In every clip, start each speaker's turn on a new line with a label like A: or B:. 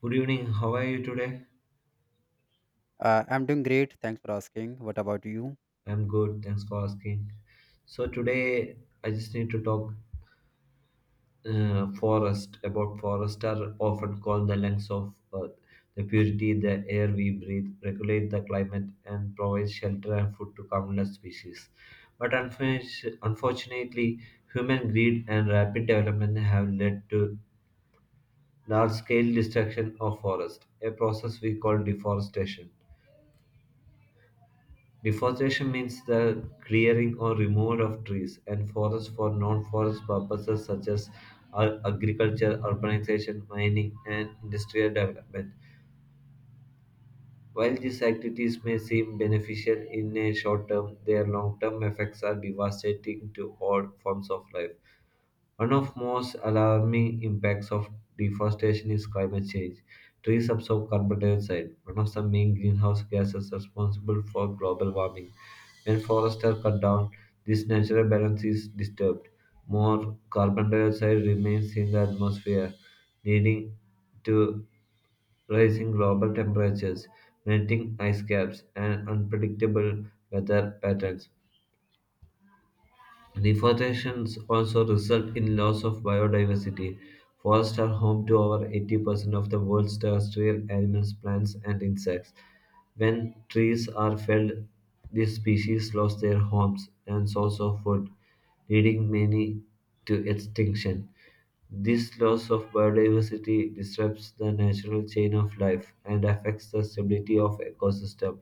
A: Good evening. How are you today?
B: I'm doing great. Thanks for asking. What about you?
A: I'm good. Thanks for asking. So today I just need to talk forest about forest. Are often called the lungs of earth. The purity the air we breathe, regulate the climate, and provide shelter and food to countless species. But unfortunately, human greed and rapid development have led to large-scale destruction of forest, a process we call deforestation. Deforestation means the clearing or removal of trees and forests for non forest purposes such as agriculture, urbanization, mining, and industrial development. While these activities may seem beneficial in a short term, their long term effects are devastating to all forms of life. One of most alarming impacts of deforestation is climate change. Trees absorb carbon dioxide, one of the main greenhouse gases responsible for global warming. When forests are cut down, this natural balance is disturbed. More carbon dioxide remains in the atmosphere, leading to rising global temperatures, melting ice caps, and unpredictable weather patterns. Deforestations also result in loss of biodiversity. Forests are home to over 80% of the world's terrestrial animals, plants, and insects. When trees are felled, these species lose their homes and source of food, leading many to extinction. This loss of biodiversity disrupts the natural chain of life and affects the stability of ecosystem.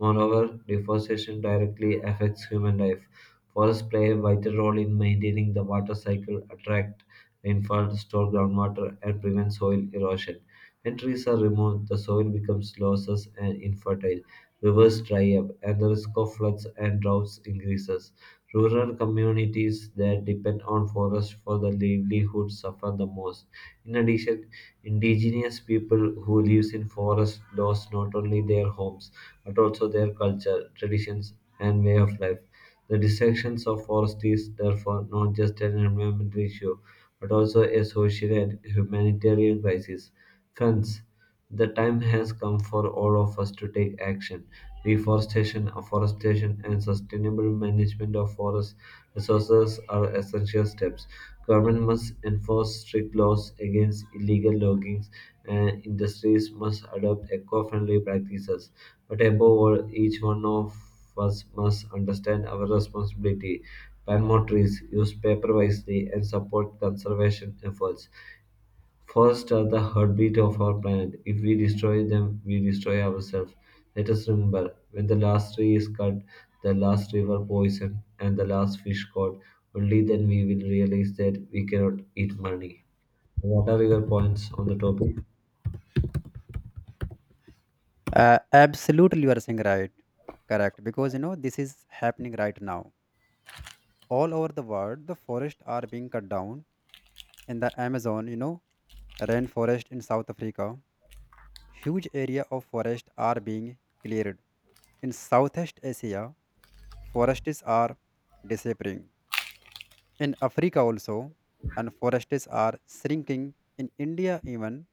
A: Moreover, deforestation directly affects human life. Forests play a vital role in maintaining the water cycle, attract rainfall, store groundwater, and prevent soil erosion. When trees are removed, the soil becomes losses and infertile, rivers dry up, and the risk of floods and droughts increases. Rural communities that depend on forests for their livelihood suffer the most. In addition, indigenous people who live in forests lost not only their homes but also their culture, traditions, and way of life. The destructions of forests is therefore not just an environmental issue, but also a social and humanitarian crisis. Friends, the time has come for all of us to take action. Reforestation, afforestation, and sustainable management of forest resources are essential steps. Government must enforce strict laws against illegal logging, and industries must adopt eco-friendly practices. But above all, each one of us must understand our responsibility, plant more trees, use paper wisely, and support conservation efforts. Forests are the heartbeat of our planet. If we destroy them, we destroy ourselves. Let us remember when the last tree is cut, the last river poisoned, and the last fish caught, only then we will realize that we cannot eat money. What are your points on the topic?
B: Absolutely, you are saying right. Correct. Because, this is happening right now. All over the world, the forests are being cut down. In the Amazon, rainforest in South Africa, huge area of forest are being cleared. In Southeast Asia, forests are disappearing. In Africa also, and forests are shrinking. In India even,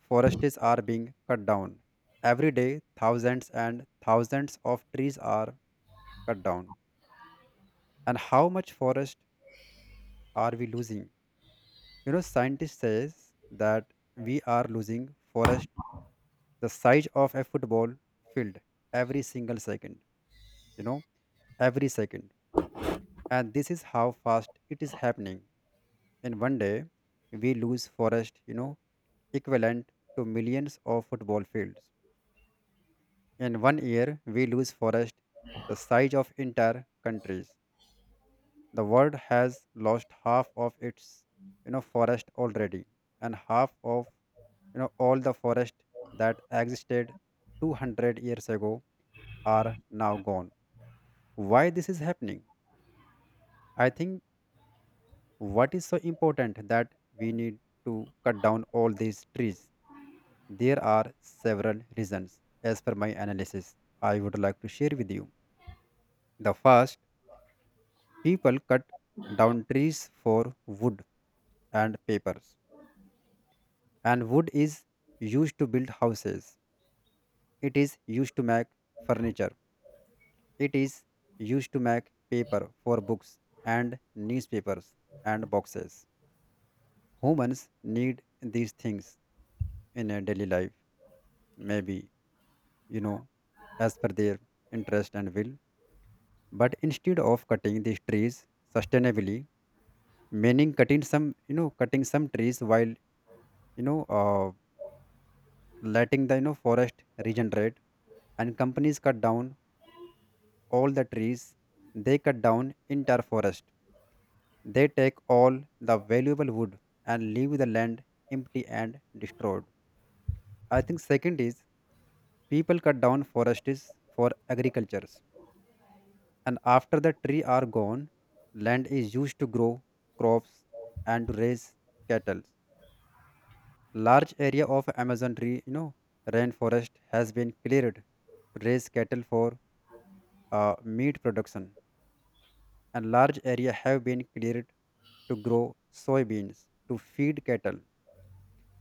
B: forests are being cut down. Every day, thousands and thousands of trees are cut down. And how much forest are we losing? Scientists says that we are losing forest the size of a football field every single second. You know, every second. And this is how fast it is happening. In one day, we lose forest, equivalent to millions of football fields. In one year, we lose forest the size of entire countries. The world has lost half of its, forest already, and half of, all the forest that existed 200 years ago are now gone. Why this is happening? I think what is so important that we need to cut down all these trees. There are several reasons as per my analysis. I would like to share with you. The first, people cut down trees for wood and papers. And wood is used to build houses. It is used to make furniture. It is used to make paper for books and newspapers and boxes. Humans need these things in a daily life, maybe, you know, as per their interest and will. But instead of cutting these trees sustainably, meaning cutting some trees while you know uh, letting the forest regenerate. And companies cut down all the trees, they cut down in entire forest, they take all the valuable wood and leave the land empty and destroyed. I think second is, people cut down forests for agricultures. And after the tree are gone, land is used to grow crops and to raise cattle. Large area of Amazon tree rainforest has been cleared to raise cattle for meat production, and large area have been cleared to grow soybeans to feed cattle,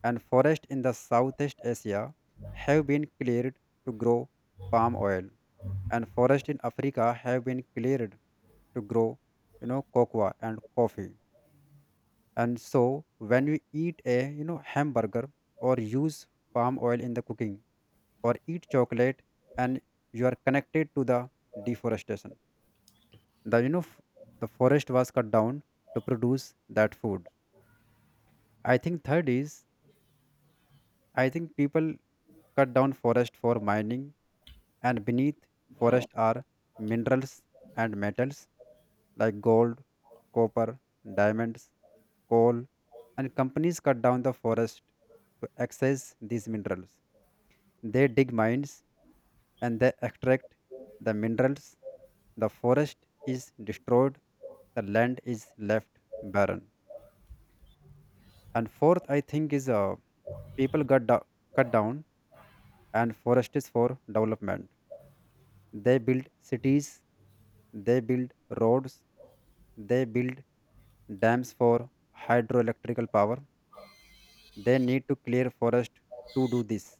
B: and forests in the Southeast Asia have been cleared to grow palm oil, and forests in Africa have been cleared to grow cocoa and coffee. And so when we eat a hamburger or use palm oil in the cooking or eat chocolate, and you are connected to the deforestation. The you know f- the forest was cut down to produce that food. I think third is, I think people cut down forest for mining. And beneath forest are minerals and metals like gold, copper, diamonds, coal. And companies cut down the forest to access these minerals. They dig mines and they extract the minerals. The forest is destroyed, the land is left barren. And fourth, I think is, people cut down and forest is for development. They build cities, they build roads, they build dams for hydroelectrical power. They need to clear forest to do this.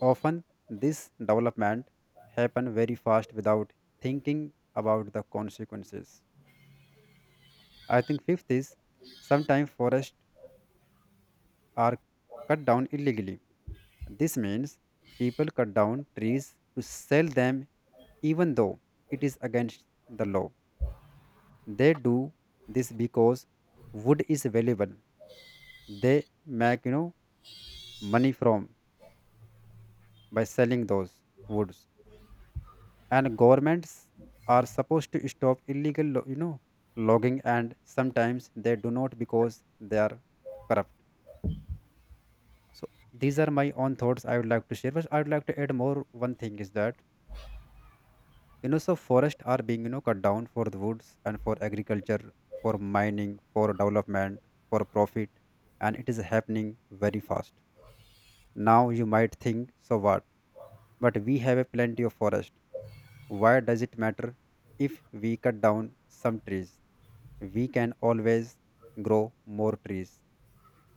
B: Often, this development happen very fast without thinking about the consequences. I think fifth is, sometimes forests are cut down illegally. This means people cut down trees to sell them even though it is against the law. They do this because wood is valuable. They make money from by selling those woods. And governments are supposed to stop illegal logging, and sometimes they do not because they are corrupt. So these are my own thoughts I would like to share, but I would like to add more. One thing is that, so forests are being cut down for the woods and for agriculture, for mining, for development, for profit, and it is happening very fast. Now you might think, so what? But we have a plenty of forest. Why does it matter if we cut down some trees? We can always grow more trees.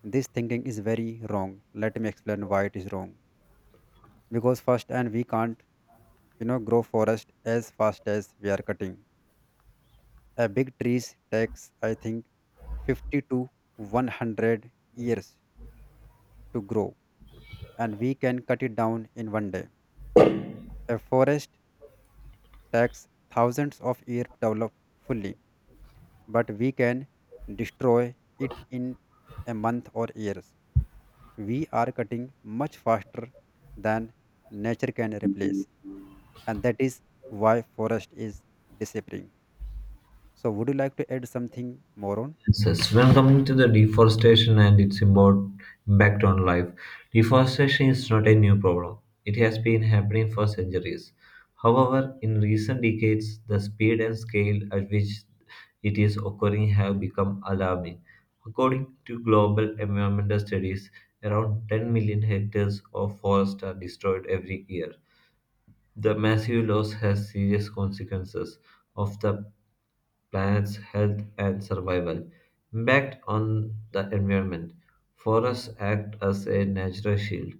B: This thinking is very wrong. Let me explain why it is wrong. Because first, and we can't, grow forest as fast as we are cutting. A big trees takes, I think, 50 to 100 years to grow, and we can cut it down in one day. A forest takes thousands of years to develop fully, but we can destroy it in a month or years. We are cutting much faster than nature can replace, and that is why forest is disappearing. So, would you like to add something more on?
A: Yes, yes. When coming to the deforestation and its impact on life, deforestation is not a new problem. It has been happening for centuries. However, in recent decades, the speed and scale at which it is occurring have become alarming. According to global environmental studies, around 10 million hectares of forest are destroyed every year, the massive loss has serious consequences of the planet's health and survival. Impact on the environment. Forests act as a natural shield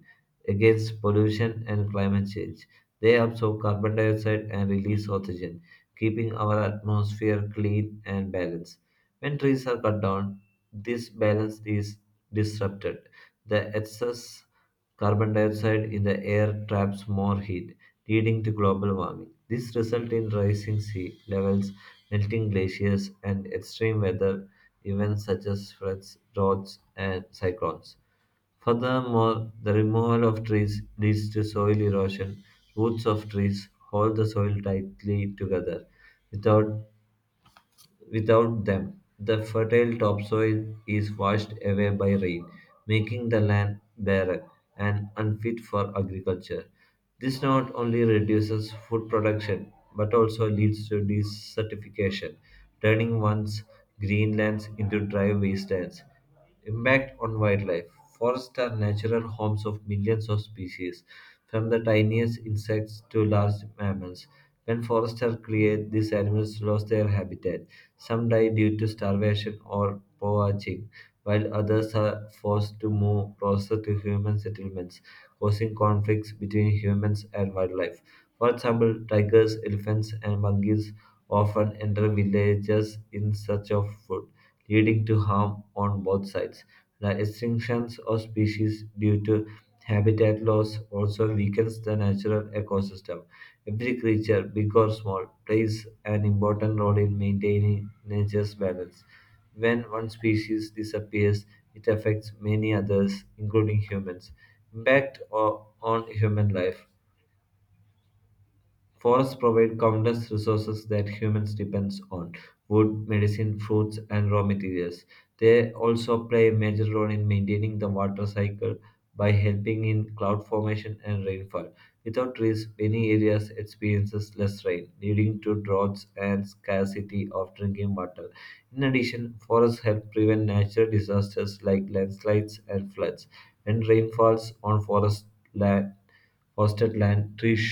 A: against pollution and climate change. They absorb carbon dioxide and release oxygen, keeping our atmosphere clean and balanced. When trees are cut down, this balance is disrupted. The excess carbon dioxide in the air traps more heat, leading to global warming. This results in rising sea levels, melting glaciers, and extreme weather events such as floods, droughts, and cyclones. Furthermore, the removal of trees leads to soil erosion. Roots of trees hold the soil tightly together. Without Without them, the fertile topsoil is washed away by rain, making the land barren and unfit for agriculture. This not only reduces food production but also leads to desertification, turning once green lands into dry wastelands. Impact on wildlife. Forests are natural homes of millions of species, from the tiniest insects to large mammals. When forests are cleared, these animals lose their habitat. Some die due to starvation or poaching, while others are forced to move closer to human settlements, causing conflicts between humans and wildlife. For example, tigers, elephants, and monkeys often enter villages in search of food leading to harm on both sides. The extinctions of species due to habitat loss also weakens the natural ecosystem. Every creature, big or small, plays an important role in maintaining nature's balance. When one species disappears, it affects many others, including humans. Impact on human life. Forests provide countless resources that humans depend on wood, medicine, fruits, and raw materials. They also play a major role in maintaining the water cycle by helping in cloud formation and rainfall. Without trees, many areas experiences less rain, leading to droughts and scarcity of drinking water. In addition, forests help prevent natural disasters like landslides and floods. When rain falls on forest land, Forested land trees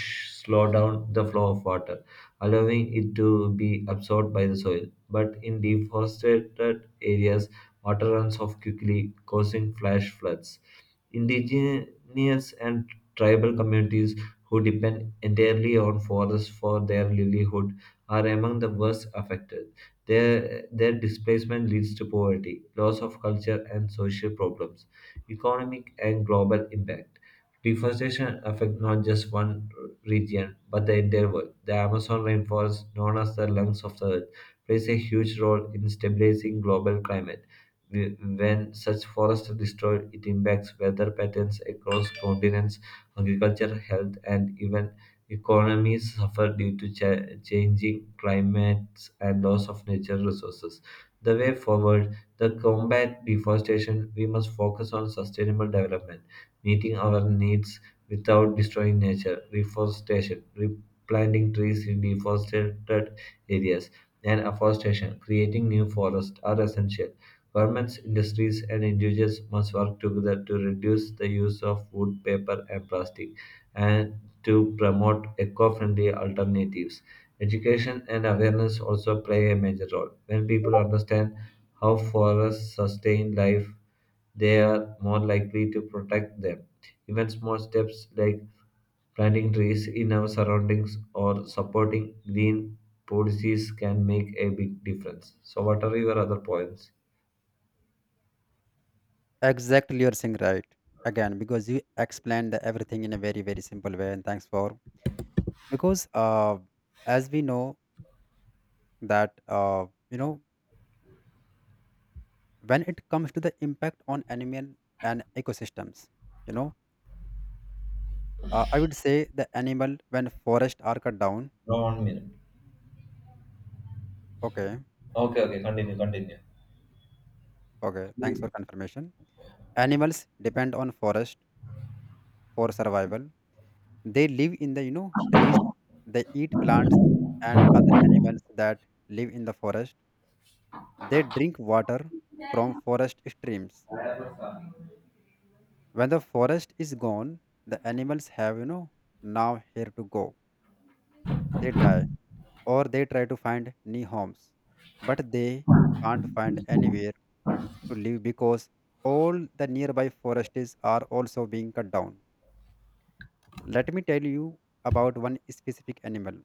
A: slow down the flow of water, allowing it to be absorbed by the soil. But in deforested areas, water runs off quickly, causing flash floods. Indigenous and tribal communities who depend entirely on forests for their livelihood are among the worst affected. Their displacement leads to poverty, loss of culture, and social problems, economic and global impact. Deforestation affects not just one region, but the entire world. The Amazon rainforest, known as the lungs of the earth, plays a huge role in stabilizing global climate. Wh- When such forests are destroyed, it impacts weather patterns across continents, agriculture, health, and even economies suffer due to changing climates and loss of natural resources. The way forward, to combat deforestation, we must focus on sustainable development meeting our needs without destroying nature, reforestation, replanting trees in deforested areas, and afforestation, creating new forests, are essential. Governments, industries, and individuals must work together to reduce the use of wood, paper, and plastic and to promote eco friendly alternatives. Education and awareness also play a major role. When people understand how forests sustain life, they are more likely to protect them. Even small steps like planting trees in our surroundings or supporting green policies can make a big difference. So, what are your other points?
B: Exactly, you're saying right again, because you explained the everything in a very very simple way, and thanks for. Because as we know that when it comes to the impact on animal and ecosystems, you know I would say the animal when forest are cut down.
A: No, one minute.
B: Okay,
A: Okay, okay, continue, continue.
B: okay. Thanks for confirmation. Animals depend on forest for survival. They live in the trees. They eat plants and other animals that live in the forest. They drink water from forest streams. When the forest is gone, the animals have now here to go. They die or they try to find new homes, but they can't find anywhere to live because all the nearby forests are also being cut down. Let me tell you about one specific animal.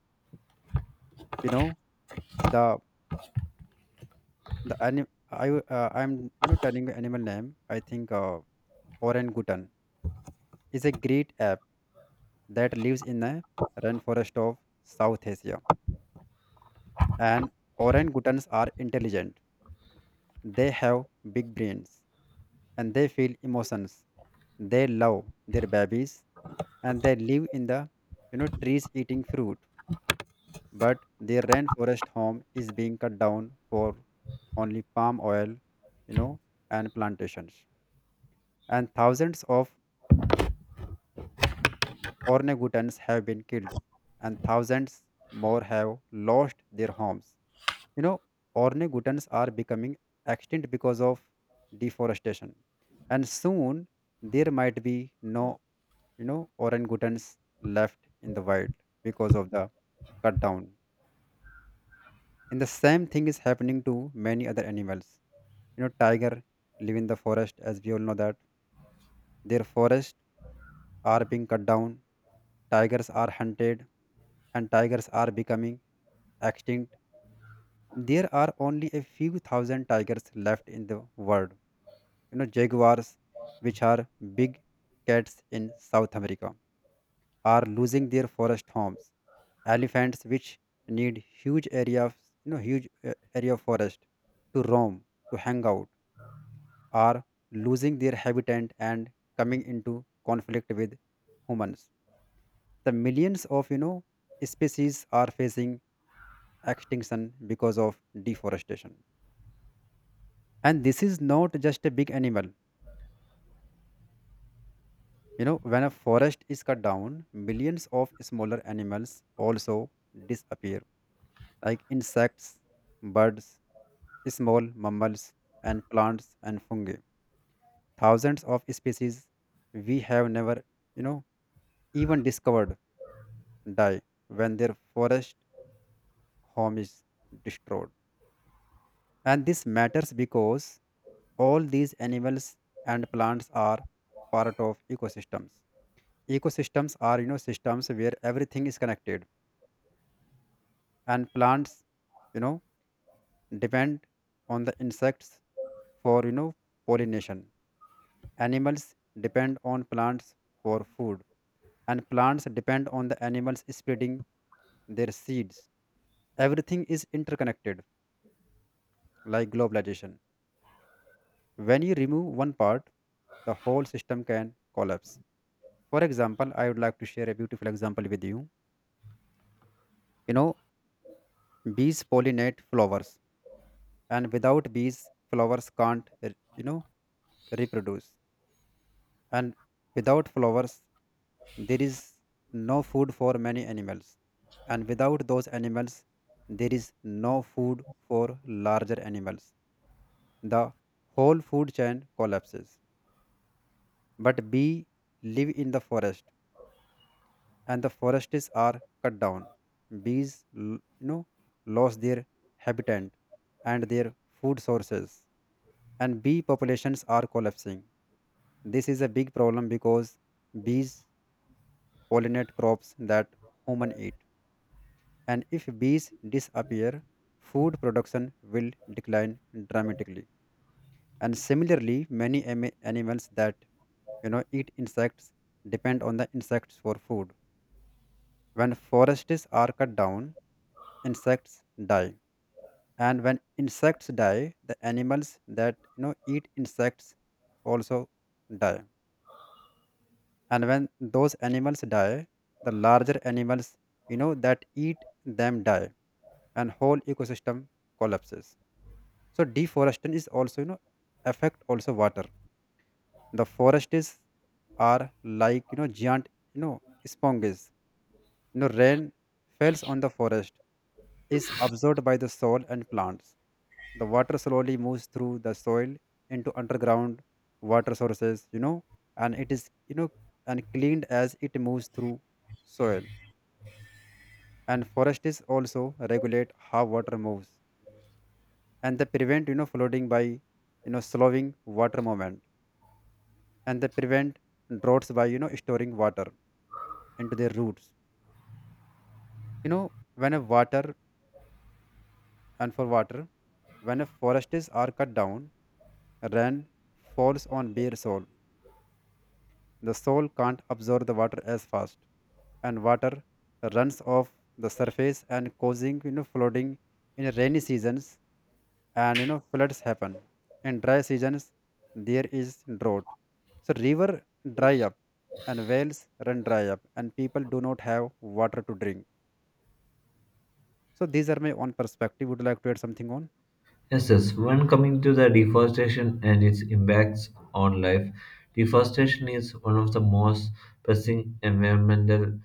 B: You know the the anim- I w- I'm not telling the animal name. I think orangutan is a great ape that lives in the rainforest of South Asia. And orangutans are intelligent. They have big brains and they feel emotions. They love their babies, and they live in the trees eating fruit. But their rainforest home is being cut down for only palm oil, you know, and plantations. And thousands of orangutans have been killed, and thousands more have lost their homes. You know, orangutans are becoming extinct because of deforestation, and soon there might be no, orangutans left in the wild because of the cut down. And the same thing is happening to many other animals. Tiger live in the forest, as we all know that their forests are being cut down. Tigers are hunted, and tigers are becoming extinct. There are only a few thousand tigers left in the world. Jaguars, which are big cats in South America, are losing their forest homes. Elephants, which need huge area, of, you know, huge area of forest to roam, to hang out, are losing their habitat and coming into conflict with humans. The millions of species are facing extinction because of deforestation. And this is not just a big animal. When a forest is cut down, millions of smaller animals also disappear, like insects, birds, small mammals and plants and fungi. Thousands of species we have never, you know, even discovered die when their forest home is destroyed. And this matters because all these animals and plants are part of ecosystems. Ecosystems are, systems where everything is connected. And plants, you know, depend on the insects for, pollination. Animals depend on plants for food, and plants depend on the animals spreading their seeds. Everything is interconnected, like globalization. When you remove one part, the whole system can collapse. For example, I would like to share a beautiful example with you. You know, bees pollinate flowers, and without bees, flowers can't, reproduce. And without flowers, there is no food for many animals. And without those animals, there is no food for larger animals. The whole food chain collapses. But bees live in the forest, and the forests are cut down. Bees lost their habitat and their food sources, and bee populations are collapsing. This is a big problem because bees pollinate crops that human eat. And if bees disappear, food production will decline dramatically. And similarly, many animals that eat insects depend on the insects for food. When forests are cut down, insects die. And when insects die, the animals that eat insects also die. And when those animals die, the larger animals that eat them die, and whole ecosystem collapses. So deforestation is also affect also water. The forest is are like giant sponges. Rain falls on the forest is absorbed by the soil and plants. The water slowly moves through the soil into underground water sources. And it is and cleaned as it moves through soil. And forest is also regulate how water moves, and they prevent flooding by slowing water movement, and they prevent droughts by storing water into their roots. you know when a water and for water, when a forest is are cut down, rain falls on bare soil, the soil can't absorb the water as fast, and water runs off the surface and causing flooding in rainy seasons, and floods happen. In dry seasons there is drought, so river dry up and wells run dry up and people do not have water to drink. So these are my own perspective. Would you like to add something on?
A: Yes, yes. When coming to the deforestation and its impacts on life, deforestation is one of the most pressing environmental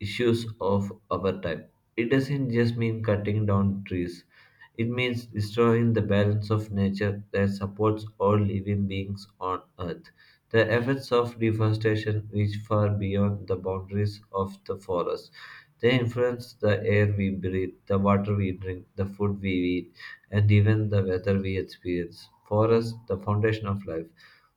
A: issues of our time. It doesn't just mean cutting down trees, it means destroying the balance of nature that supports all living beings on Earth. The effects of deforestation reach far beyond the boundaries of the forest. They influence the air we breathe, the water we drink, the food we eat, and even the weather we experience. Forests, the foundation of life,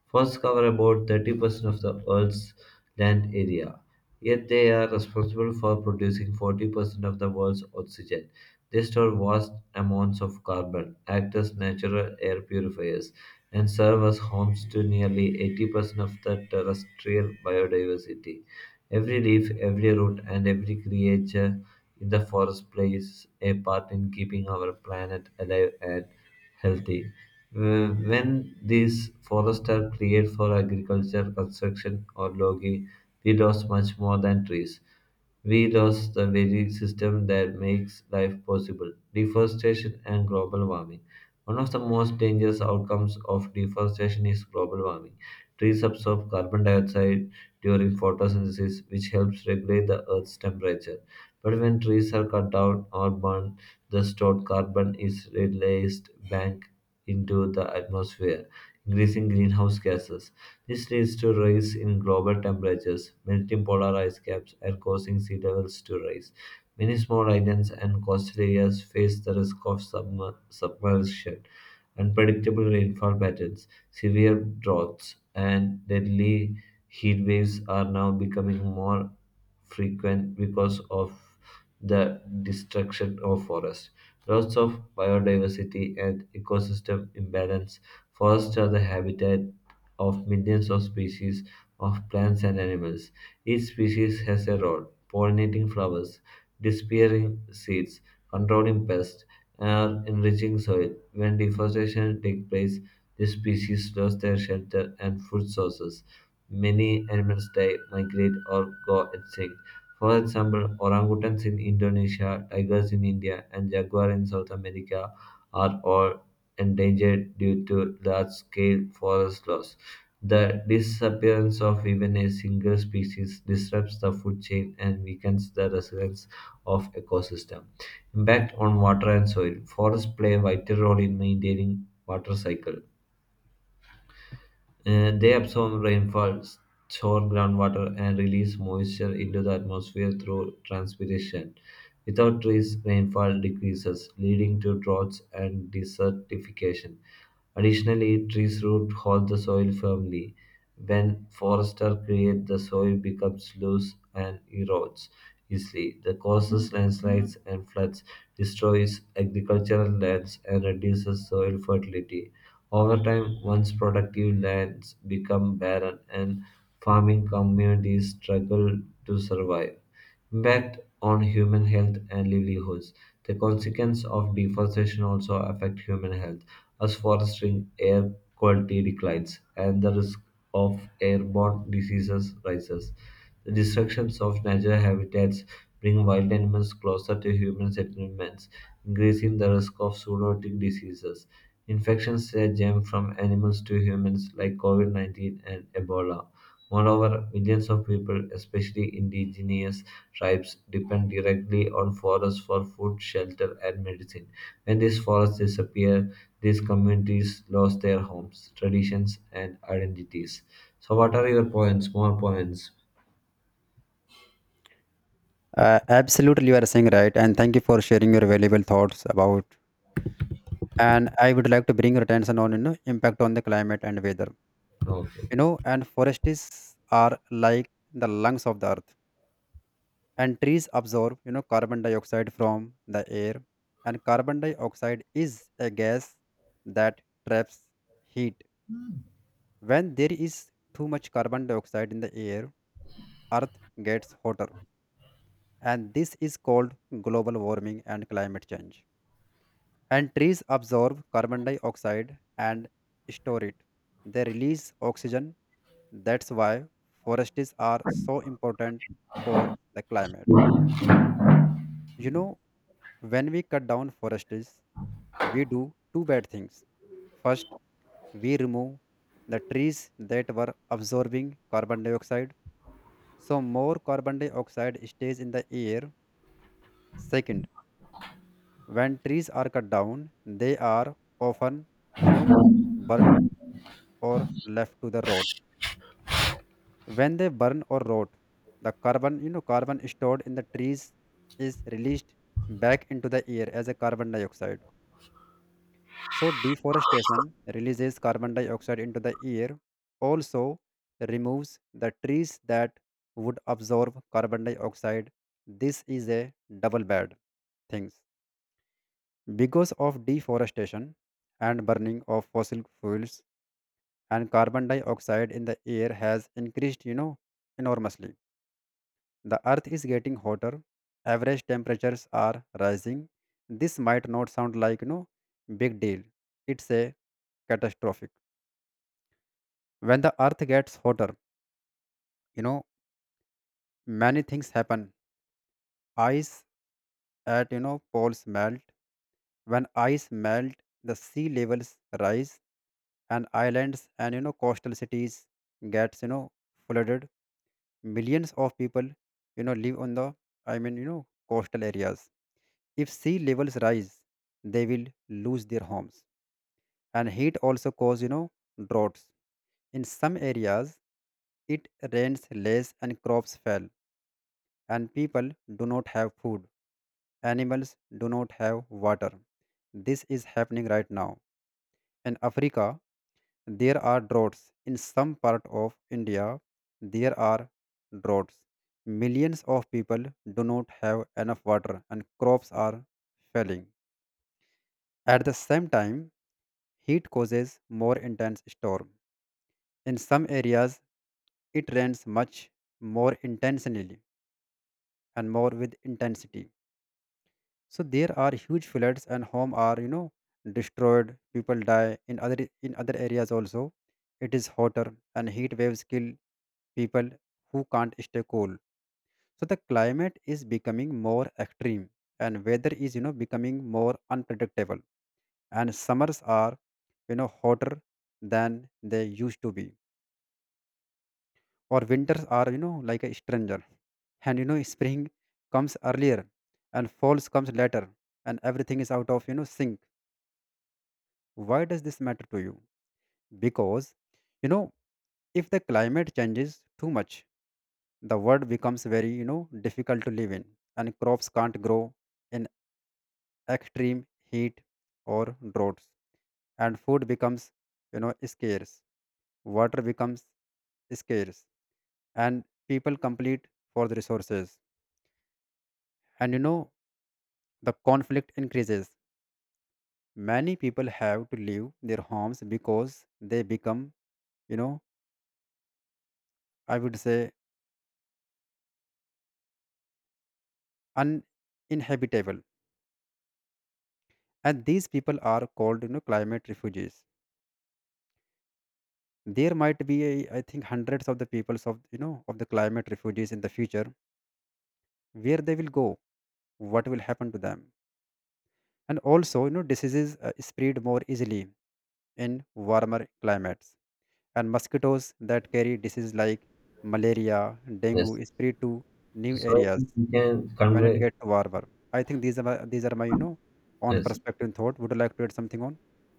A: forests cover about 30% of the Earth's land area. Yet they are responsible for producing 40% of the world's oxygen. They store vast amounts of carbon, act as natural air purifiers, and serve as homes to nearly 80% of the terrestrial biodiversity. Every leaf, every root, and every creature in the forest plays a part in keeping our planet alive and healthy. When these forests are cleared for agriculture, construction, or logging, we lost much more than trees. We lost the very system that makes life possible deforestation and global warming. One of the most dangerous outcomes of deforestation is global warming. Trees absorb carbon dioxide during photosynthesis, which helps regulate the Earth's temperature. But when trees are cut down or burned, the stored carbon is released back into the atmosphere, increasing greenhouse gases. This leads to rise in global temperatures, melting polar ice caps, and causing sea levels to rise. Many small islands and coastal areas face the risk of submersion, unpredictable rainfall patterns, severe droughts, and deadly heat waves are now becoming more frequent because of the destruction of forests. Loss of biodiversity and ecosystem imbalance. Forests are the habitat of millions of species of plants and animals. Each species has a role pollinating flowers, disappearing seeds, controlling pests, and enriching soil. When deforestation takes place, these species lose their shelter and food sources. Many animals die, migrate, or go extinct. For example, orangutans in Indonesia, tigers in India, and jaguar in South America are all endangered due to large-scale forest loss. The disappearance of even a single species disrupts the food chain and weakens the resilience of ecosystem. Impact on water and soil. Forests play a vital role in maintaining water cycle they absorb rainfall, store groundwater, and release moisture into the atmosphere through transpiration. Without trees, rainfall decreases, leading to droughts and desertification. Additionally, trees' root hold the soil firmly. When foresters create, the soil becomes loose and erodes easily. This causes landslides and floods, destroys agricultural lands, and reduces soil fertility. Over time, once productive lands become barren and farming communities struggle to survive. Impact on human health and livelihoods. The consequences of deforestation also affect human health, as forestry air quality declines and the risk of airborne diseases rises. The destructions of natural habitats bring wild animals closer to human settlements, increasing the risk of zoonotic diseases. Infections that jump from animals to humans, like COVID 19 and Ebola. Moreover, millions of people, especially indigenous tribes, depend directly on forests for food, shelter, and medicine. When these forests disappear, these communities lose their homes, traditions, and identities. So, what are your points? More points?
B: Absolutely, you are saying right, and thank you for sharing your valuable thoughts about. And I would like to bring your attention on impact on the climate and weather.
A: Okay.
B: And forests are like the lungs of the earth, and trees absorb carbon dioxide from the air. And carbon dioxide is a gas that traps heat. When there is too much carbon dioxide in the air, earth gets hotter, and this is called global warming and climate change. And trees absorb carbon dioxide and store it. They release oxygen. That's why forests are so important for the climate. You know, when we cut down forests, we do two bad things. First, we remove the trees that were absorbing carbon dioxide, so more carbon dioxide stays in the air. Second, when trees are cut down, they are often, you know, burned or left to the rot. When they burn or rot, the carbon, carbon stored in the trees is released back into the air as a carbon dioxide. So, deforestation releases carbon dioxide into the air, also removes the trees that would absorb carbon dioxide. This is a double bad things. Because of deforestation and burning of fossil fuels, and carbon dioxide in the air has increased, enormously. The earth is getting hotter, average temperatures are rising. This might not sound like, big deal. It's a catastrophic. When the earth gets hotter, you know many things happen. Ice at poles melt. When ice melt, the sea levels rise, and islands and coastal cities gets flooded. Millions of people live on the, i mean you know coastal areas. If sea levels rise, they will lose their homes. And heat also cause droughts. In some areas it rains less and crops fail and people do not have food. Animals do not have water. This is happening right now. In Africa, there are droughts. In some part of India, there are droughts. Millions of people do not have enough water and crops are failing. At the same time, heat causes more intense storm. In some areas, it rains much more intensely and more with intensity. So there are huge floods and home are destroyed. People die in other, in other areas also it is hotter, and heat waves kill people who can't stay cool. So the climate is becoming more extreme, and weather is becoming more unpredictable. And summers are hotter than they used to be, or winters are like a stranger. And spring comes earlier and falls comes later, and everything is out of sync. Why does this matter to you? Because, you know, if the climate changes too much, the world becomes very, difficult to live in, and crops can't grow in extreme heat or droughts, and food becomes, scarce, water becomes scarce, and people compete for the resources. And, the conflict increases. Many people have to leave their homes because they become, you know, I would say, uninhabitable. And these people are called climate refugees. There might be a, I think, hundreds of the peoples of of the climate refugees in the future. Where they will go? What will happen to them? And also diseases spread more easily in warmer climates, and mosquitoes that carry diseases like malaria, dengue
A: Yes.
B: spread to new
A: So, I
B: areas
A: think we can
B: when it
A: convey.
B: gets warmer. I think these are my on
A: Yes.
B: perspective and thought. Would you like to add something on?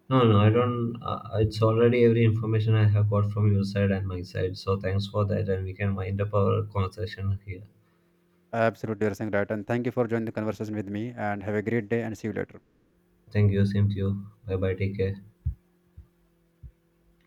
A: No, I don't. It's already every information I have got from your side and my side. So, thanks for that, and we can wind up our conversation here.
B: Absolutely, you're saying right. And thank you for joining the conversation with me. And have a great day. And see you later.
A: Thank you. Same to you. Bye bye. Take care.